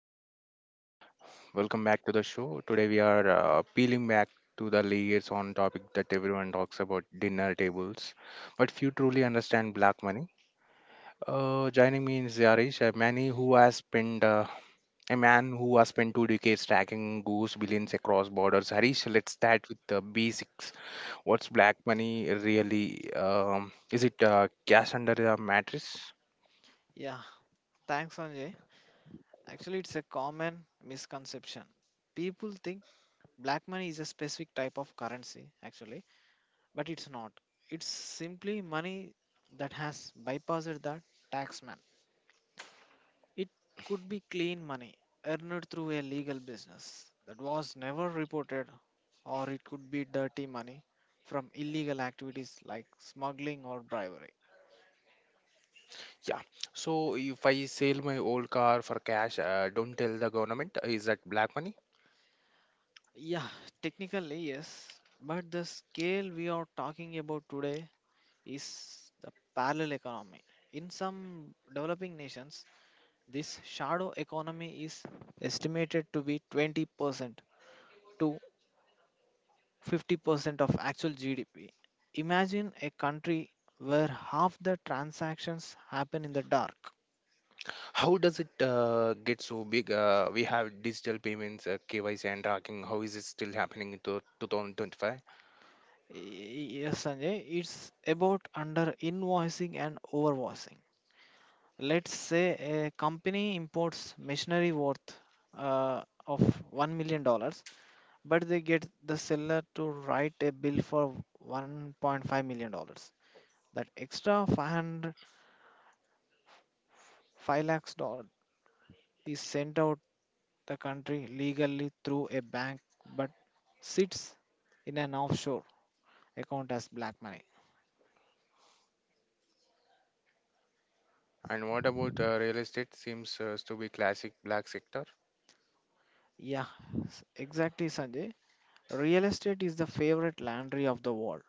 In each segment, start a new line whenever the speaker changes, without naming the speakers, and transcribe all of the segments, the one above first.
uh, welcome back to the show. Today we are peeling back to the layers on topic that everyone talks about dinner tables, but few truly understand black money. Joining me is Yarish, a man who has spent two decades tracking goose billions across borders. Harish, let's start with the basics. What's black money really? Is it cash under the mattress?
Yeah, thanks, Sanjay. Actually, it's a common misconception. People think black money is a specific type of currency, actually, but it's not. It's simply money that has bypassed the taxman. It could be clean money earned through a legal business that was never reported, or it could be dirty money from illegal activities like smuggling or bribery.
Yeah. So if I sell my old car for cash, don't tell the government, is that black money?
Yeah, technically, yes, but the scale we are talking about today is the parallel economy. In some developing nations, this shadow economy is estimated to be 20% to 50% of actual GDP. Imagine a country where half the transactions happen in the dark.
How does it get so big? We have digital payments, KYC and tracking. How is it still happening in 2025?
Yes, Sanjay, it's about under invoicing and overvoicing. Let's say a company imports machinery worth of $1 million dollars, but they get the seller to write a bill for 1.5 million dollars. That extra 500 5 lakhs dollar is sent out the country legally through a bank but sits in an offshore account as black money.
And what about real estate? Seems to be classic black sector.
Yeah, exactly, Sanjay. Real estate is the favorite laundry of the world.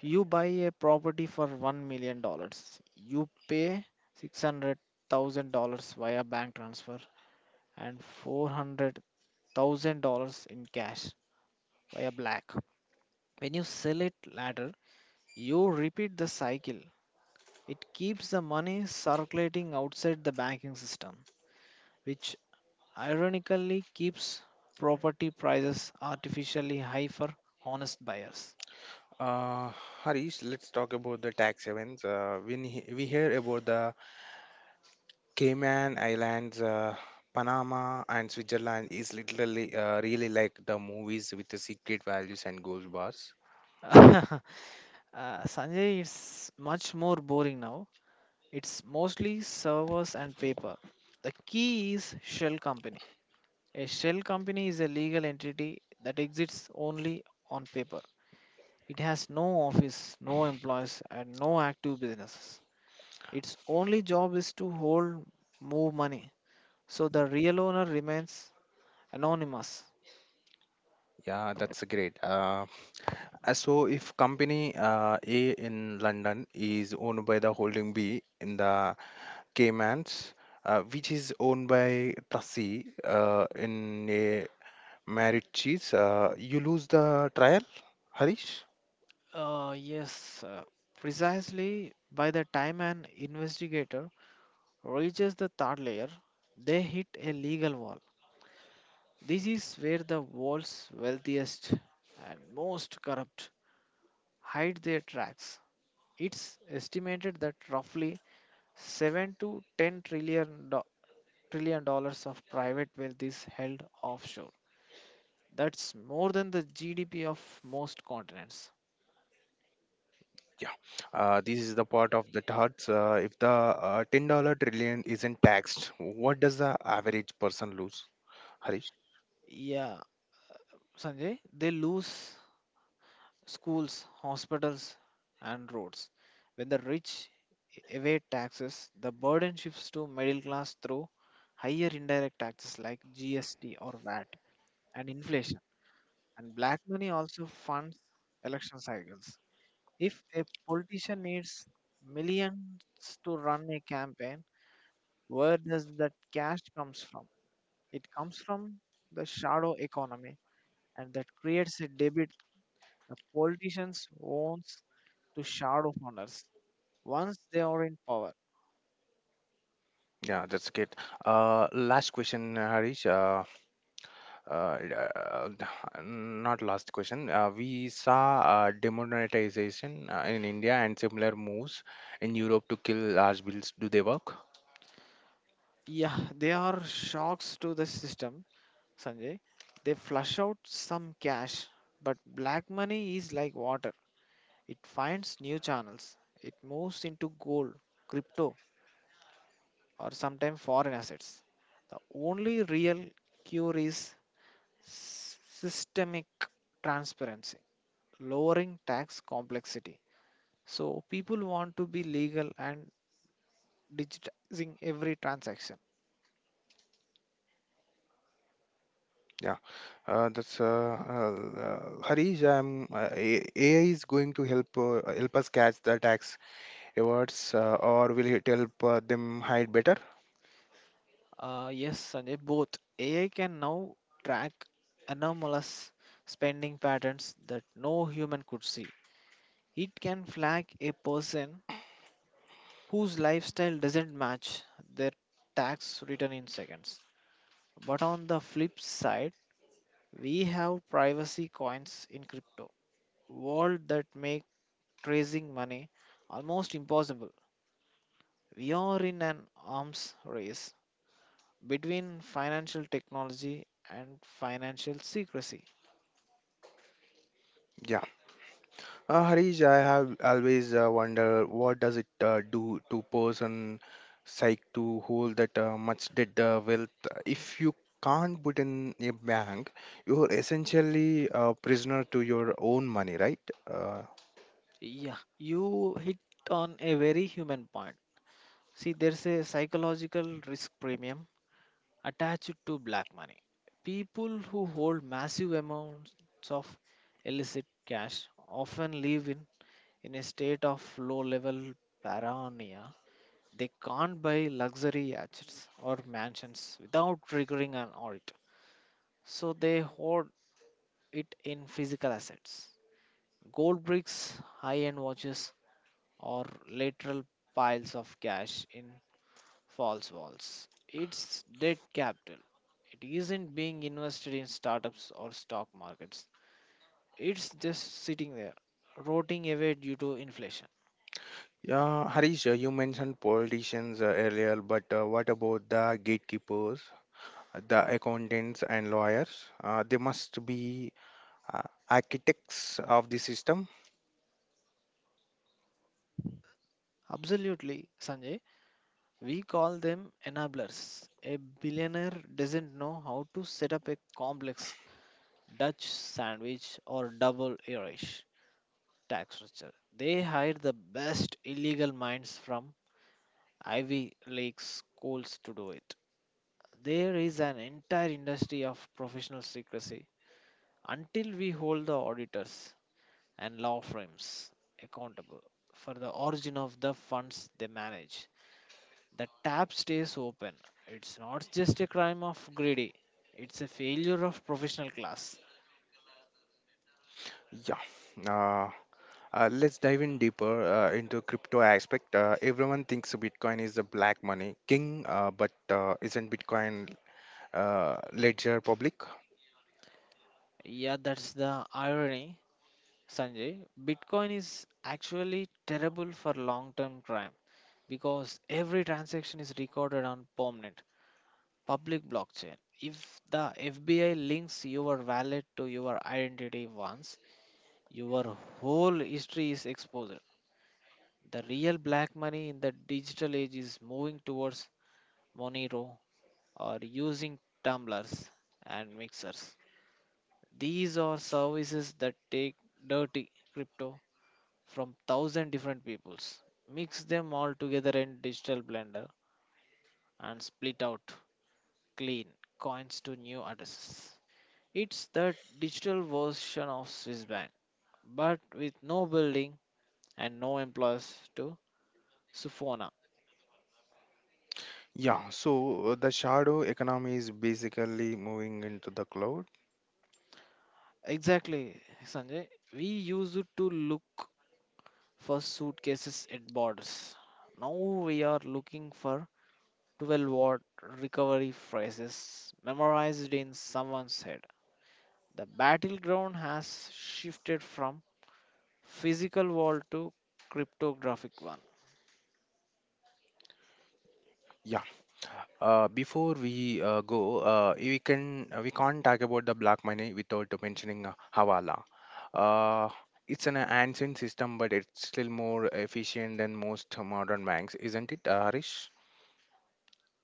You buy a property for 1 million dollars. You pay 600 thousand dollars via bank transfer and 400 thousand dollars in cash by a black. When you sell it later, you repeat the cycle. It keeps the money circulating outside the banking system, which ironically keeps property prices artificially high for honest buyers.
Uh, Harish, let's talk about the tax havens. We hear about the Cayman Islands, Panama, and Switzerland is literally really like the movies with the secret values and gold bars.
Sanjay, it's much more boring now. It's mostly servers and paper. The key is shell company. A shell company is a legal entity that exists only on paper. It has no office, no employees, and no active businesses. Its only job is to hold, move money. So the real owner remains anonymous.
Yeah, that's great. So if company A in London is owned by the holding B in the Caymans, which is owned by Trustee in a marriage cheese, you lose the trial, Harish?
Yes, precisely, by the time an investigator reaches the third layer, they hit a legal wall. This is where the world's wealthiest and most corrupt hide their tracks. It's estimated that roughly 7 to 10 trillion dollars of private wealth is held offshore. That's more than the GDP of most continents.
Yeah, this is the part of the thoughts. If the $10 trillion isn't taxed, what does the average person lose? Harish?
Yeah, Sanjay, they lose schools, hospitals, and roads. When the rich evade taxes, the burden shifts to middle class through higher indirect taxes like GST or VAT and inflation. And black money also funds election cycles. If a politician needs millions to run a campaign, where does that cash comes from? It comes from the shadow economy, and that creates a debit the politicians wants to shadow owners once they are in power.
Yeah, that's good. Last question, Harish. Uh, d- uh, d- Not last question. We saw demonetization in India and similar moves in Europe to kill large bills. Do they work?
Yeah, they are shocks to the system, Sanjay. They flush out some cash, but black money is like water. It finds new channels. It moves into gold, crypto, or sometimes foreign assets. The only real cure is systemic transparency, lowering tax complexity, so people want to be legal, and digitizing every transaction.
Yeah, that's Harish. AI is going to help help us catch the tax efforts or will it help them hide better?
Yes, Sanjay, both. AI can now track anomalous spending patterns that no human could see. It can flag a person whose lifestyle doesn't match their tax return in seconds. But on the flip side, we have privacy coins in crypto world that make tracing money almost impossible. We are in an arms race between financial technology and financial secrecy.
Yeah. Harish, I have always wondered what does it do to person psych to hold that much dead wealth? If you can't put in a bank, you're essentially a prisoner to your own money, right? uh,
Yeah, you hit on a very human point. See, there's a psychological risk premium attached to black money. People who hold massive amounts of illicit cash often live in a state of low level paranoia. They can't buy luxury yachts or mansions without triggering an audit. So they hoard it in physical assets. Gold bricks, high end watches, or lateral piles of cash in false walls. It's dead capital. It isn't being invested in startups or stock markets. It's just sitting there, rotting away due to inflation.
yeah harish, you mentioned politicians earlier, but what about the gatekeepers, the accountants and lawyers? They must be uh, architects of the system.
Absolutely, Sanjay. We call them enablers. A billionaire doesn't know how to set up a complex Dutch sandwich or double Irish tax structure. They hire the best illegal minds from Ivy League schools to do it. There is an entire industry of professional secrecy until we hold the auditors and law firms accountable for the origin of the funds they manage. The tap stays open. It's not just a crime of greedy, it's a failure of professional class.
Yeah. Uh, let's dive in deeper into crypto aspect. Everyone thinks Bitcoin is the black money king, but isn't Bitcoin ledger public?
Yeah, that's the irony, Sanjay. Bitcoin is actually terrible for long term crime because every transaction is recorded on permanent public blockchain. If the FBI links your wallet to your identity once, your whole history is exposed. The real black money in the digital age is moving towards Monero or using tumblers and mixers. These are services that take dirty crypto from thousand different peoples, mix them all together in digital blender and split out clean coins to new addresses. It's the digital version of Swiss Bank, but with no building and no employees to Sufona.
Yeah, so the shadow economy is basically moving into the cloud.
Exactly, Sanjay. We used to look for suitcases at borders. Now we are looking for 12 word recovery phrases memorized in someone's head. The battleground has shifted from physical wall to cryptographic one.
Yeah. Before we go, we can't talk about the black money without mentioning Hawala. Uh, it's an ancient system, but it's still more efficient than most modern banks, isn't it, Harish?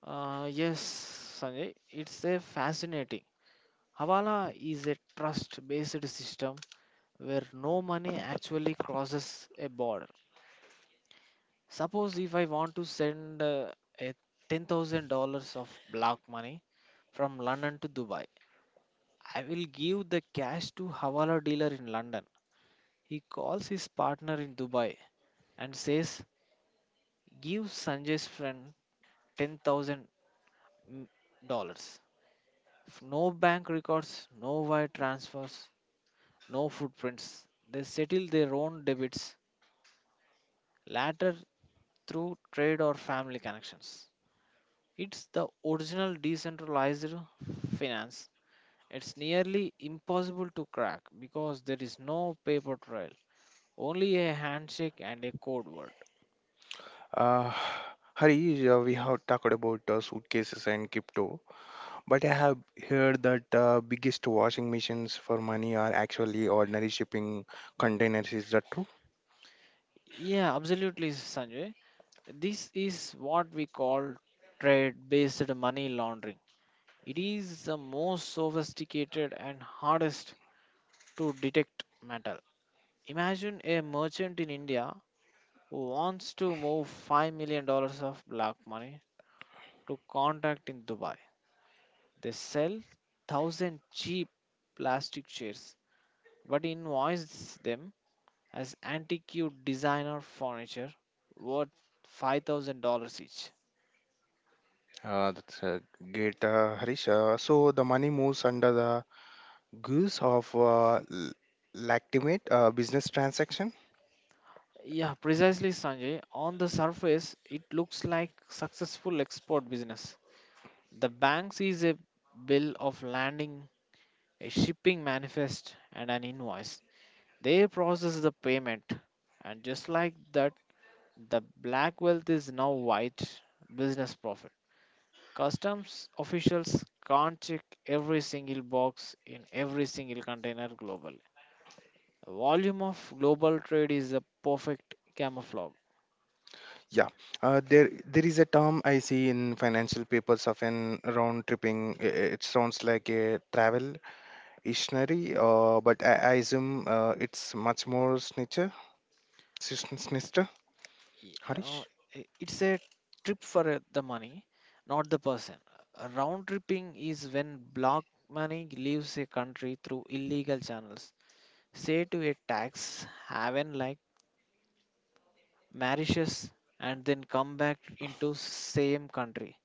Yes, Sanjay, it's a fascinating. Havala is a trust based system where no money actually crosses a border. Suppose if I want to send a $10,000 of block money from London to Dubai, I will give the cash to Hawala dealer in London. He calls his partner in Dubai and says, "Give Sanjay's friend 10,000 mm, dollars." No bank records, no wire transfers, no footprints. They settle their own debits later through trade or family connections. It's the original decentralized finance. It's nearly impossible to crack because there is no paper trail, only a handshake and a code word.
Uh, Harish, we have talked about suitcases and crypto, but I have heard that biggest washing machines for money are actually ordinary shipping containers. Is that true?
Yeah, absolutely, Sanjay. This is what we call trade based money laundering. It is the most sophisticated and hardest to detect metal. Imagine a merchant in India who wants to move $5 million dollars of black money to contact in Dubai. They sell thousand cheap plastic chairs, but invoice them as antique designer furniture worth $5,000 each.
That's great, Harish. So the money moves under the goose of legitimate business transaction.
Yeah, precisely, Sanjay. On the surface, it looks like successful export business. The bank sees a bill of landing, a shipping manifest, and an invoice. They process the payment, and just like that, the black wealth is now white business profit. Customs officials can't check every single box in every single container globally. The volume of global trade is a perfect camouflage.
Yeah, there there is a term I see in financial papers often round tripping. It sounds like a travel dictionary, but I assume it's much more snitcher, snister,
Y- uh,
Harish.
it's a trip for the money, not the person. Round tripping is when black money leaves a country through illegal channels, say to a tax haven like Mauritius, and then come back into same country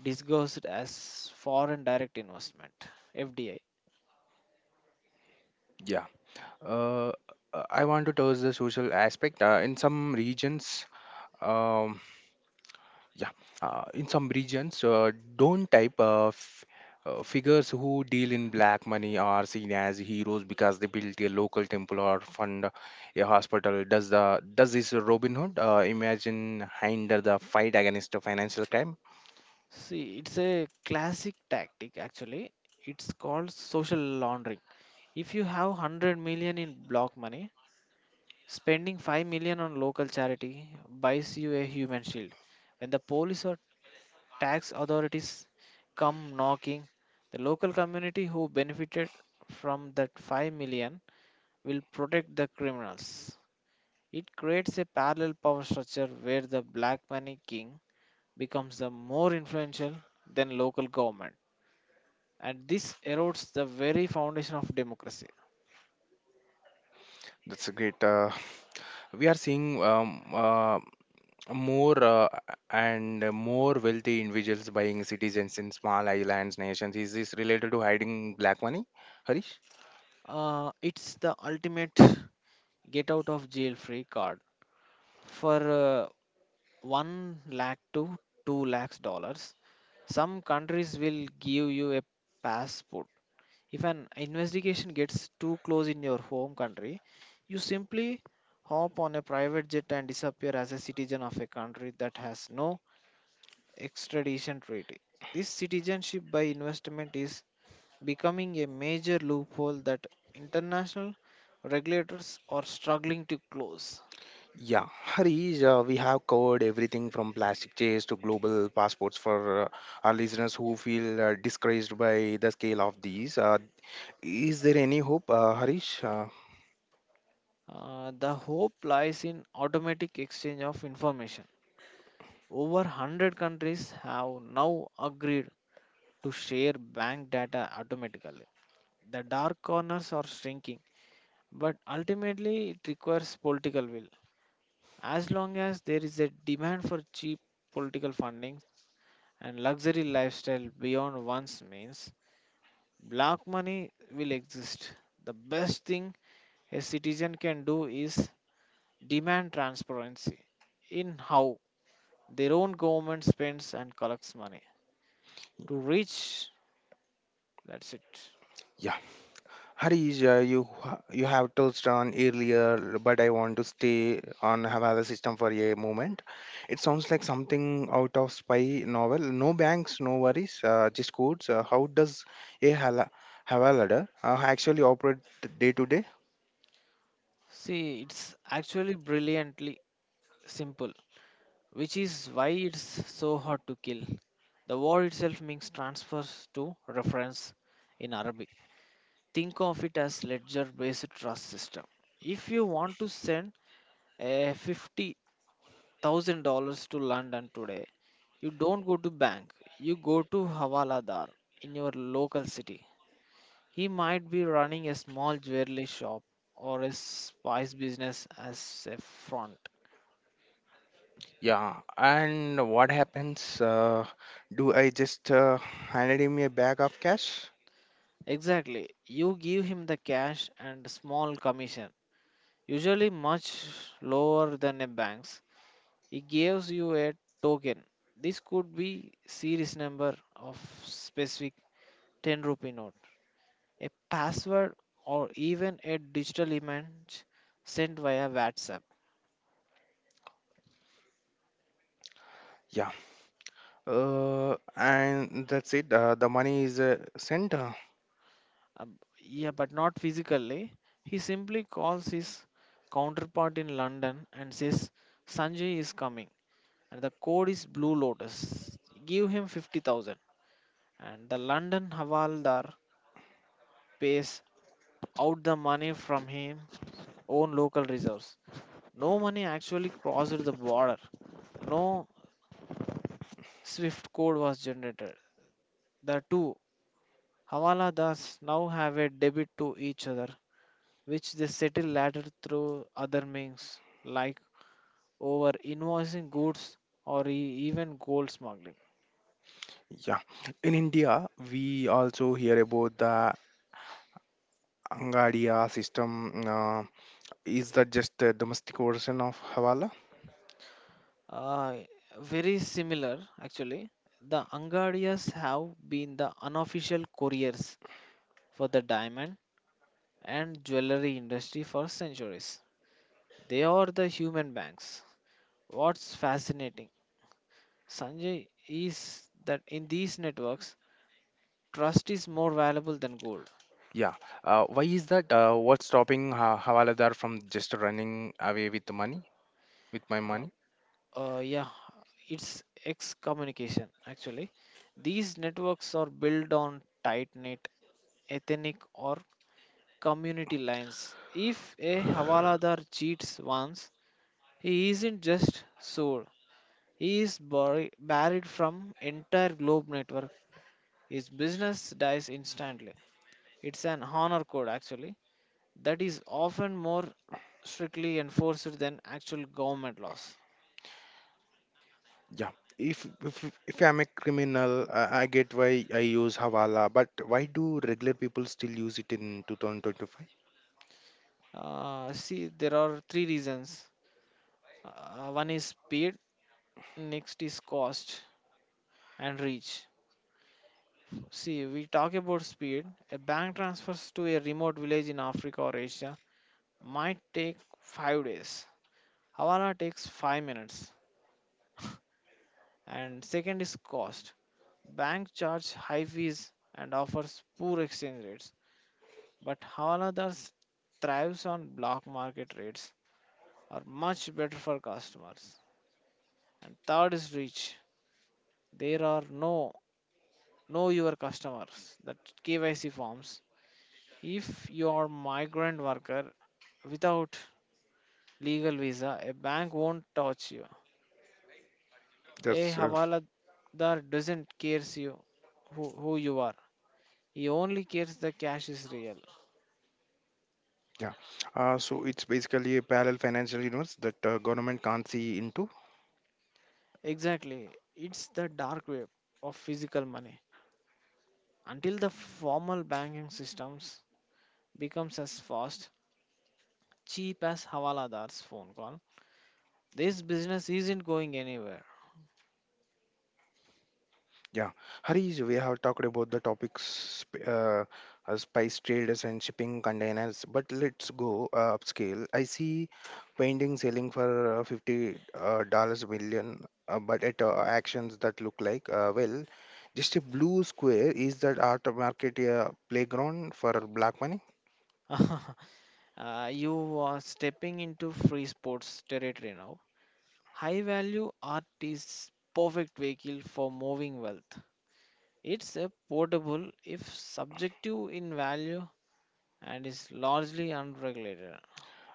disguised as foreign direct investment, fdi.
Yeah, uh, I want to touch the social aspect. Yeah, in some regions, don't type figures who deal in black money are seen as heroes because they built a local temple or fund a hospital. Does the does this Robin Hood imagine hinder the fight against financial crime?
See, it's a classic tactic actually. It's called social laundering. If you have 100 million in block money, spending 5 million on local charity buys you a human shield. When the police or tax authorities come knocking, the local community who benefited from that 5 million will protect the criminals. It creates a parallel power structure where the black money king becomes the more influential than local government, and this erodes the very foundation of democracy.
That's a great. We are seeing more and more wealthy individuals buying citizens in small islands nations. Is this related to hiding black money, Harish?
It's the ultimate get out of jail free card. For 1 lakh to 2 lakhs dollars, some countries will give you a passport. If an investigation gets too close in your home country, you simply hop on a private jet and disappear as a citizen of a country that has no extradition treaty. This citizenship by investment is becoming a major loophole that international regulators are struggling to close.
Yeah, Harish, we have covered everything from plastic chairs to global passports for our listeners who feel discouraged by the scale of these. Is there any hope, Harish?
The hope lies in automatic exchange of information. Over 100 countries have now agreed to share bank data automatically. The dark corners are shrinking, but ultimately it requires political will. As long as there is a demand for cheap political funding, and luxury lifestyle beyond one's means, black money will exist. The best thing a citizen can do is demand transparency in how their own government spends and collects money. To reach, that's it.
Yeah, Harish, you have touched on earlier, but I want to stay on Havana system for a moment. It sounds like something out of spy novel. No banks, no worries, just codes. How does a Hala Havalada actually operate day to day?
See, it's actually brilliantly simple, which is why it's so hard to kill. The word itself means transfers to reference in Arabic. Think of it as ledger based trust system. If you want to send a $50,000 to london today, you don't go to bank, you go to havaladar in your local city. He might be running a small jewelry shop or a spice business as a front.
Yeah, and what happens? Do I just handed him a bag of cash?
Exactly, you give him the cash and small commission, usually much lower than a bank's. He gives you a token. This could be series number of specific 10 rupee note, a password, or even a digital image sent via WhatsApp.
Yeah, and that's it. The money is sent.
Um, yeah, but not physically. He simply calls his counterpart in London and says, "Sanjay is coming and the code is Blue Lotus. Give him 50,000," and the London Havaldar pays out the money from him own local reserves. No money actually crossed the border. No SWIFT code was generated. The two Hawaladas now have a debit to each other, which they settle later through other means like over invoicing goods or even gold smuggling.
Yeah, in India, we also hear about the Angadia system. Is that just a domestic version of Hawala?
Uh, very similar actually. The Angadias have been the unofficial couriers for the diamond and jewelry industry for centuries. They are the human banks. What's fascinating, Sanjay, is that in these networks, trust is more valuable than gold.
Yeah, why is that? What's stopping ha Hawaladar from just running away with the money, with my
Uh,
money?
uh, yeah, it's excommunication actually. These networks are built on tight knit ethnic or community lines. If a Havaladar cheats once, he isn't just sold, he is buried, buried from entire globe network. His business dies instantly. It's an honor code actually that is often more strictly enforced than actual government laws.
Yeah, if I'm a criminal, I get why I use Havala, but why do regular people still use it in 2025?
See, there are three reasons. One is speed, next is cost and reach. See, we talk about speed. A bank transfers to a remote village in Africa or Asia might take 5 days. Havana takes 5 minutes. And second is cost. Bank charge high fees and offers poor exchange rates, but Havana thus thrives on block market rates are much better for customers. And third is reach. There are no know your customers that KYC forms. If you are migrant worker without legal visa, a bank won't touch you. A
That's
hawaladar doesn't cares you, who you are. He only cares the cash is real.
yeah. So it's basically a parallel financial universe that government can't see into.
Exactly. It's the dark web of physical money. Until the formal banking systems becomes as fast cheap as Hawaladar's phone call, this business isn't going anywhere.
Yeah, Harish, we have talked about the topics sp- uh, spice traders and shipping containers, but let's go upscale. I see painting selling for 50 dollars million, but at actions that look like well, just a blue square. Is that art market a playground for black money?
You are stepping into free sports territory now. High value art is perfect vehicle for moving wealth. It's a portable if subjective in value and is largely unregulated.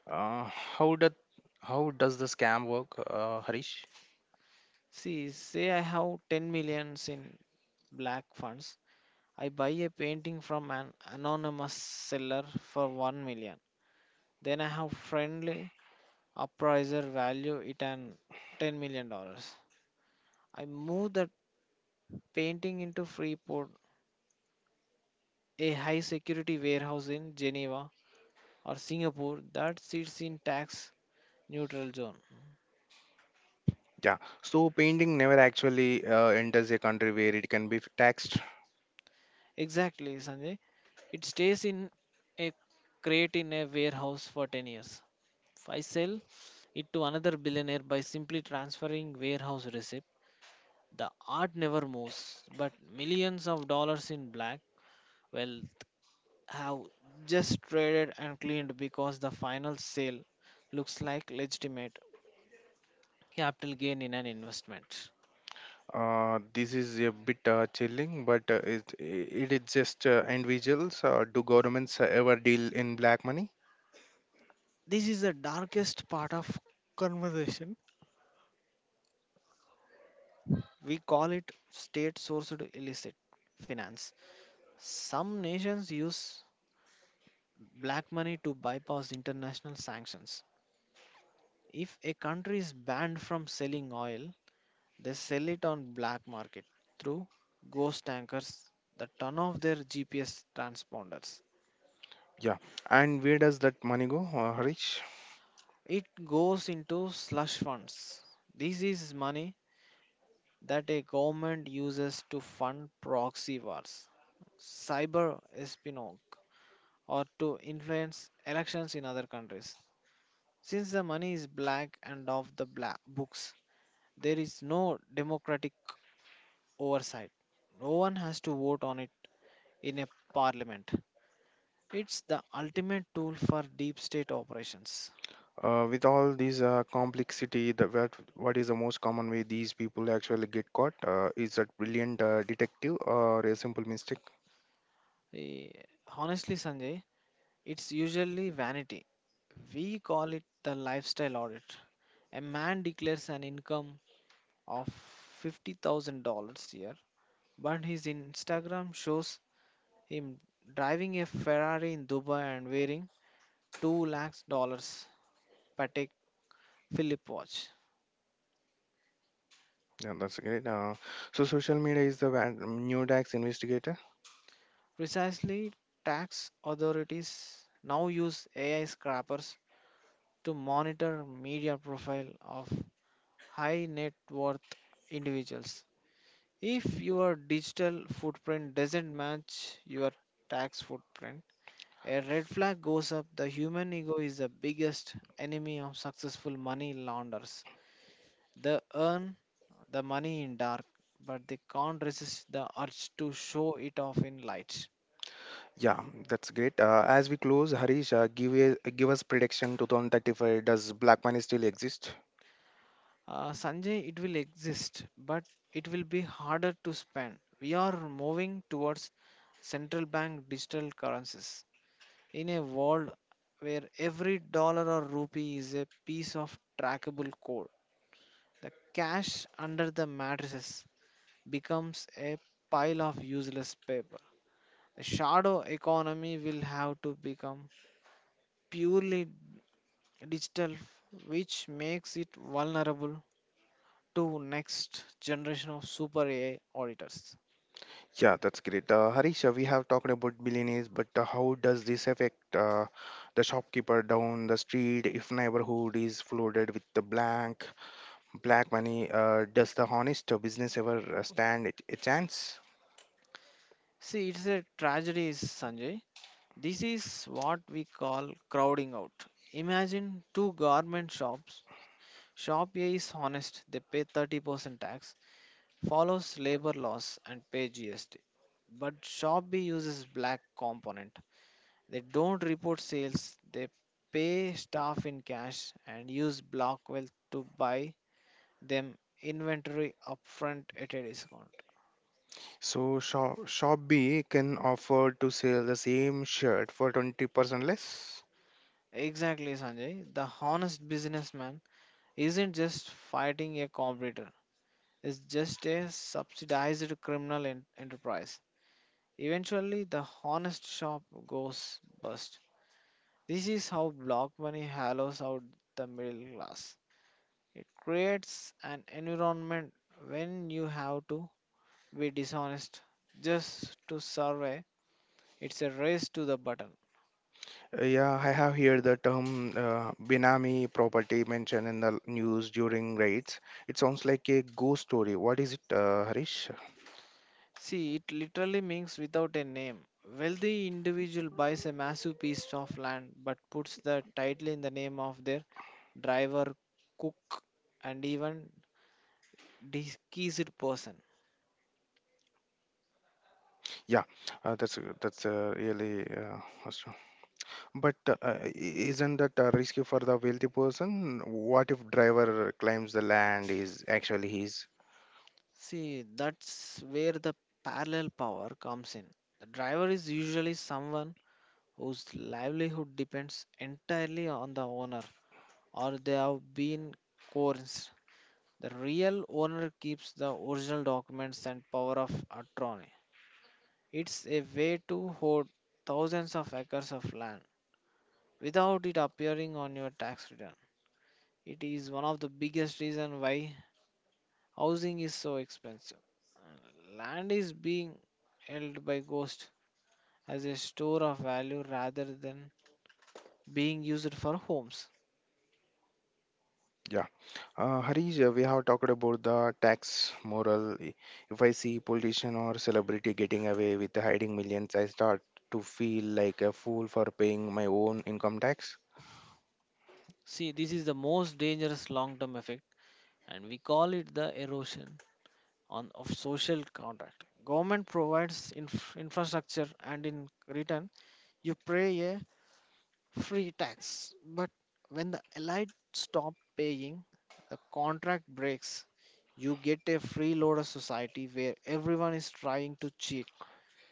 Uh, how does how does the scam work, Harish?
See, say I have 10 millions in black funds. I buy a painting from an anonymous seller for 1 million. Then I have friendly appraiser value it an 10 million dollars. I moved that painting into Freeport, a high security warehouse in Geneva or Singapore that sits in tax neutral zone.
Yeah, so painting never actually enters a country where it can be taxed.
Exactly, Sanjay. It stays in a crate in a warehouse for 10 years. I sell it to another billionaire by simply transferring warehouse receipt. The art never moves, but millions of dollars in black, well, have just traded and cleaned because the final sale looks like legitimate capital gain in an investment.
This is a bit chilling, but it is just individuals. Do governments ever deal in black money?
This is the darkest part of conversation. We call it state sourced illicit finance. Some nations use black money to bypass international sanctions. If a country is banned from selling oil, they sell it on black market through ghost tankers that turn off their GPS transponders.
Yeah. And where does that money go, Harish?
It goes into slush funds. This is money that a government uses to fund proxy wars, cyber espionage, or to influence elections in other countries. Since the money is black and off the black books, there is no democratic oversight. No one has to vote on it in a parliament. It's the ultimate tool for deep state operations.
With all these complexity, the, what is the most common way these people actually get caught? Is that brilliant detective or a simple mistake?
Eh, Honestly, Sanjay, it's usually vanity. We call it the lifestyle audit. A man declares an income of $50,000 a year, but his Instagram shows him driving a Ferrari in Dubai and wearing 2 lakhs dollars Patek Philippe watch.
Yeah, that's great. So social media is the new tax investigator.
Precisely, tax authorities now use AI scrappers to monitor media profile of high net worth individuals. If your digital footprint doesn't match your tax footprint, a red flag goes up. The human ego is the biggest enemy of successful money launderers. They earn the money in dark, but they can't resist the urge to show it off in light.
Yeah, that's great. As we close, Harish, give us prediction 2035. Does Black Money still exist?
Sanjay, it will exist, but it will be harder to spend. We are moving towards central bank digital currencies. In a world where every dollar or rupee is a piece of trackable code, the cash under the mattresses becomes a pile of useless paper. The shadow economy will have to become purely digital, which makes it vulnerable to next generation of super AI auditors.
Yeah, that's great. Harish, we have talked about billionaires, but how does this affect the shopkeeper down the street if neighborhood is flooded with the blank black money? Does the honest business ever stand a chance?
See, it's a tragedy, Sanjay. This is what we call crowding out. Imagine two garment shops. Shop A is honest, they pay 30% tax, follows labor laws and pay GST. But Shop B uses black component. They don't report sales, they pay staff in cash and use Blockwealth to buy them inventory upfront at a discount.
So shop B can offer to sell the same shirt for 20% less.
Exactly, Sanjay. The honest businessman isn't just fighting a competitor, it's just a subsidized criminal enterprise. Eventually, the honest shop goes bust. This is how block money hollows out the middle class. It creates an environment when you have to be dishonest just to survive. It's a race to the button.
Yeah, I have here the term Benami property mentioned in the news during raids. It sounds like a ghost story. What is it, Harish?
See, it literally means without a name. Wealthy individual buys a massive piece of land but puts the title in the name of their driver, cook, and even deceased person.
Yeah, that's a really. Awesome. But isn't that risky for the wealthy person? What if driver claims the land is actually his?
See, that's where the parallel power comes in. The driver is usually someone whose livelihood depends entirely on the owner or they have been coerced. The real owner keeps the original documents and power of attorney. It's a way to hoard thousands of acres of land without it appearing on your tax return. It is one of the biggest reasons why housing is so expensive. Land is being held by ghost as a store of value rather than being used for homes.
Yeah. Harish, we have talked about the tax moral. If I see politician or celebrity getting away with hiding millions, I start to feel like a fool for paying my own income tax.
See, this is the most dangerous long-term effect, and we call it the erosion on of social contract. Government provides infrastructure, and in return, you pay a free tax. But when the allied stop paying, the contract breaks. You get a freeloader society where everyone is trying to cheat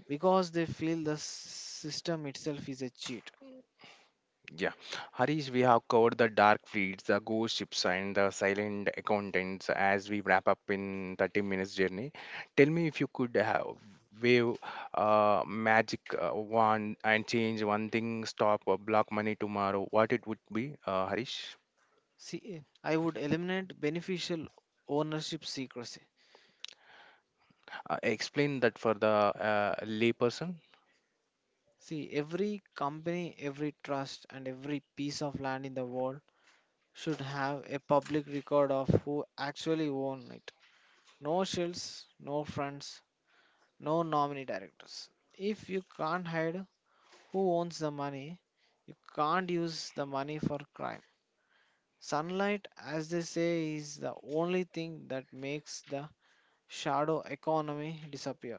because they feel the system itself is a cheat.
Yeah, Harish, we have covered the dark fleets, the ghost ships, and the silent accountants as we wrap up in 30 minutes journey. Tell me, if you could have wave magic wand and change one thing, stop or block money tomorrow, what it would be, Harish?
See, I would eliminate beneficial ownership secrecy.
Explain that for the layperson.
See, every company, every trust, and every piece of land in the world should have a public record of who actually own it. No shells, no fronts, no nominee directors. If you can't hide who owns the money, you can't use the money for crime. Sunlight, as they say, is the only thing that makes the shadow economy disappear.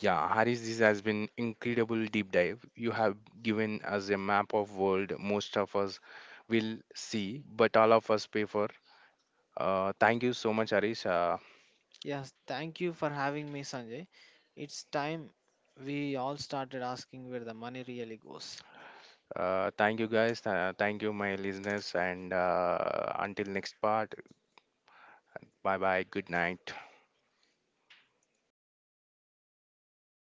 Yeah, Harish, this has been incredible deep dive. You have given us a map of world most of us will see, but all of us pay for. Thank you so much, Harish.
Yes, thank you for having me, Sanjay. It's time we all started asking where the money really goes.
Thank you guys. Thank you, my listeners. And until next part, bye bye. Good night.